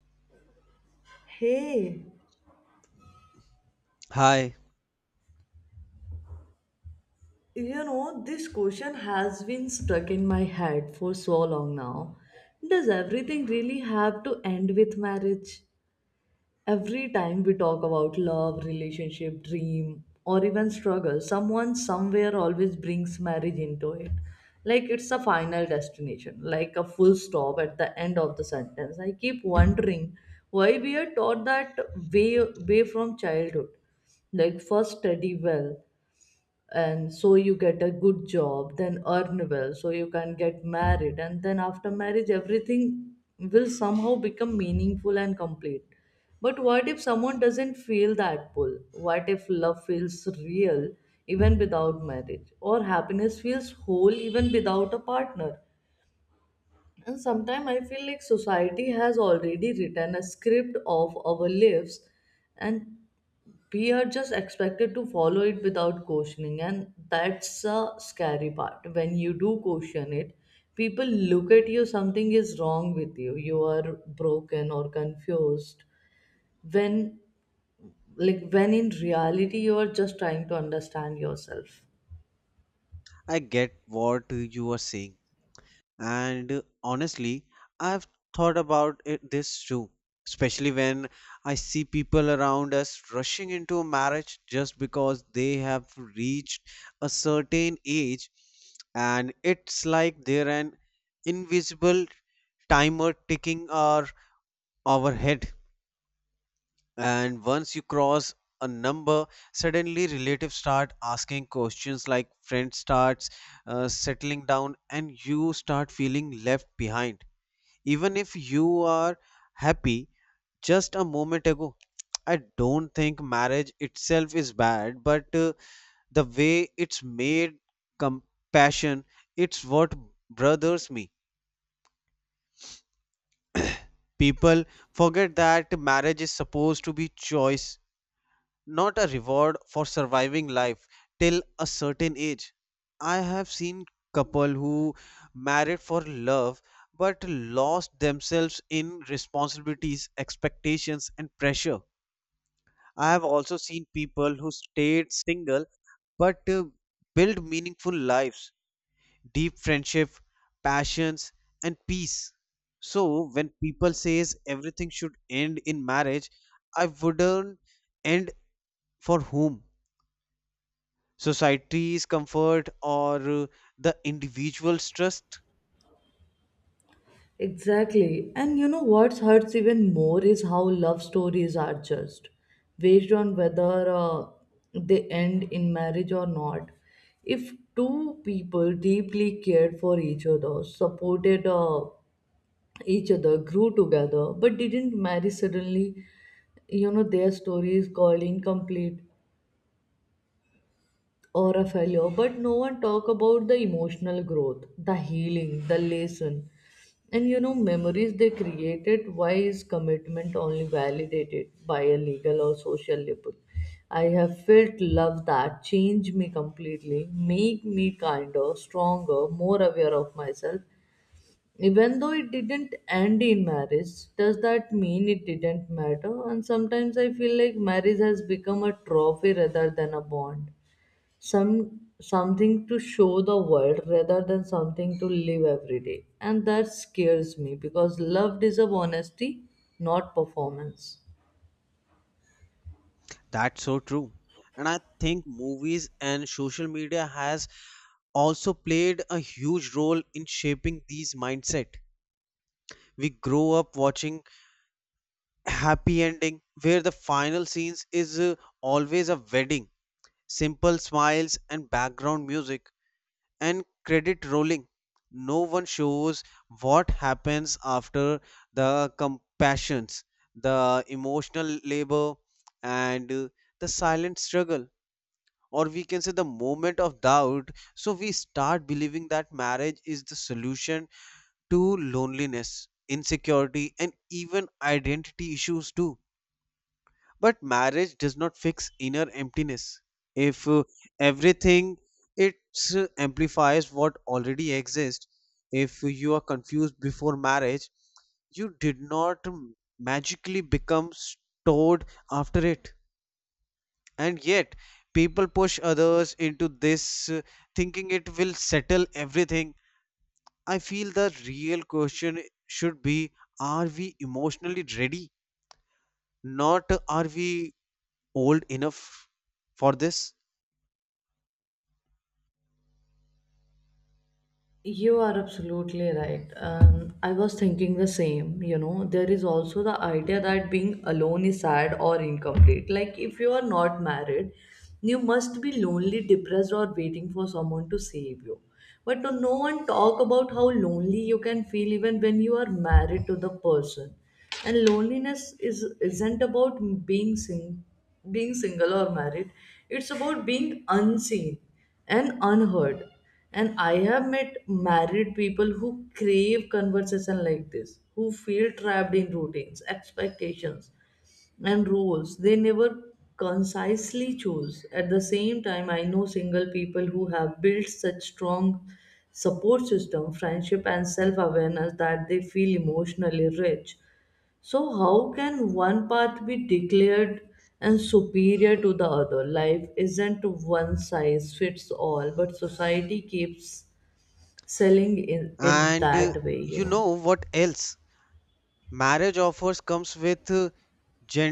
Hey, Hi, you know, this question has been stuck in my head for so long now. Does everything really have to end with marriage? Every time we talk about love, relationship, dream, or even struggle, someone somewhere always brings marriage into it. Like it's a final destination, like a full stop at the end of the sentence. I keep wondering why we are taught that way from childhood, like first study well and so you get a good job, then earn well so you can get married, and then after marriage everything will somehow become meaningful and complete. But what if someone doesn't feel that pull? What if love feels real even without marriage, or happiness feels whole even without a partner? And sometimes I feel like society has already written a script of our lives, and we are just expected to follow it without questioning, and that's a scary part. When you do question it, people look at you, something is wrong with you, you are broken or confused, when, like, when in reality you are just trying to understand yourself. I get what you are saying, and honestly, I've thought about it this too, especially when I see people around us rushing into a marriage just because they have reached a certain age, and it's like they're an invisible timer ticking our head. And once you cross a number, suddenly relatives start asking questions, like friends starts settling down and you start feeling left behind even if you are happy just a moment ago. I don't think marriage itself is bad, but the way it's made compassion, it's what bothers me. People forget that marriage is supposed to be choice, not a reward for surviving life till a certain age. I have seen couple who married for love but lost themselves in responsibilities, expectations and pressure. I have also seen people who stayed single but built meaningful lives, deep friendship, passions and peace. So when people says everything should end in marriage, I wouldn't end for whom? Society's comfort, or the individual's trust? Exactly. And you know what hurts even more is how love stories are judged based on whether they end in marriage or not. If two people deeply cared for each other, supported each other, grew together, but didn't marry suddenly, you know, their story is called incomplete, or a failure. But no one talk about the emotional growth, the healing, the lesson, and, you know, memories they created. Why is commitment only validated by a legal or social label? I have felt love that changed me completely, make me kinder, stronger, more aware of myself, even though it didn't end in marriage. Does that mean it didn't matter? And sometimes I feel like marriage has become a trophy rather than a bond, something to show the world rather than something to live every day, and that scares me, because love deserves honesty, not performance. That's so true, and I think movies and social media has also played a huge role in shaping these mindset. We grow up watching happy ending where the final scenes is always a wedding, simple smiles and background music and credit rolling. No one shows what happens after: the compassions, the emotional labor, and the silent struggle, or we can say the moment of doubt. So we start believing that marriage is the solution to loneliness, insecurity, and even identity issues too. But marriage does not fix inner emptiness. If everything, it amplifies what already exists. If you are confused before marriage, you did not magically become stored after it. And yet, people push others into this thinking it will settle everything. I feel the real question should be, are we emotionally ready? Not are we old enough for this. You are absolutely right. I was thinking the same. You know, there is also the idea that being alone is sad or incomplete. Like, if you are not married, you must be lonely, depressed, or waiting for someone to save you. But no one talk about how lonely you can feel even when you are married to the person. And loneliness is isn't about being sing, being single or married. It's about being unseen and unheard. And I have met married people who crave conversation like this, who feel trapped in routines, expectations, and roles they never concisely chose. At the same time, I know single people who have built such strong support system, friendship, and self awareness that they feel emotionally rich. So, how can one path be declared and superior to the other? Life isn't one size fits all, but society keeps selling in it And that way, you you know. know what else, marriage offers comes with uh,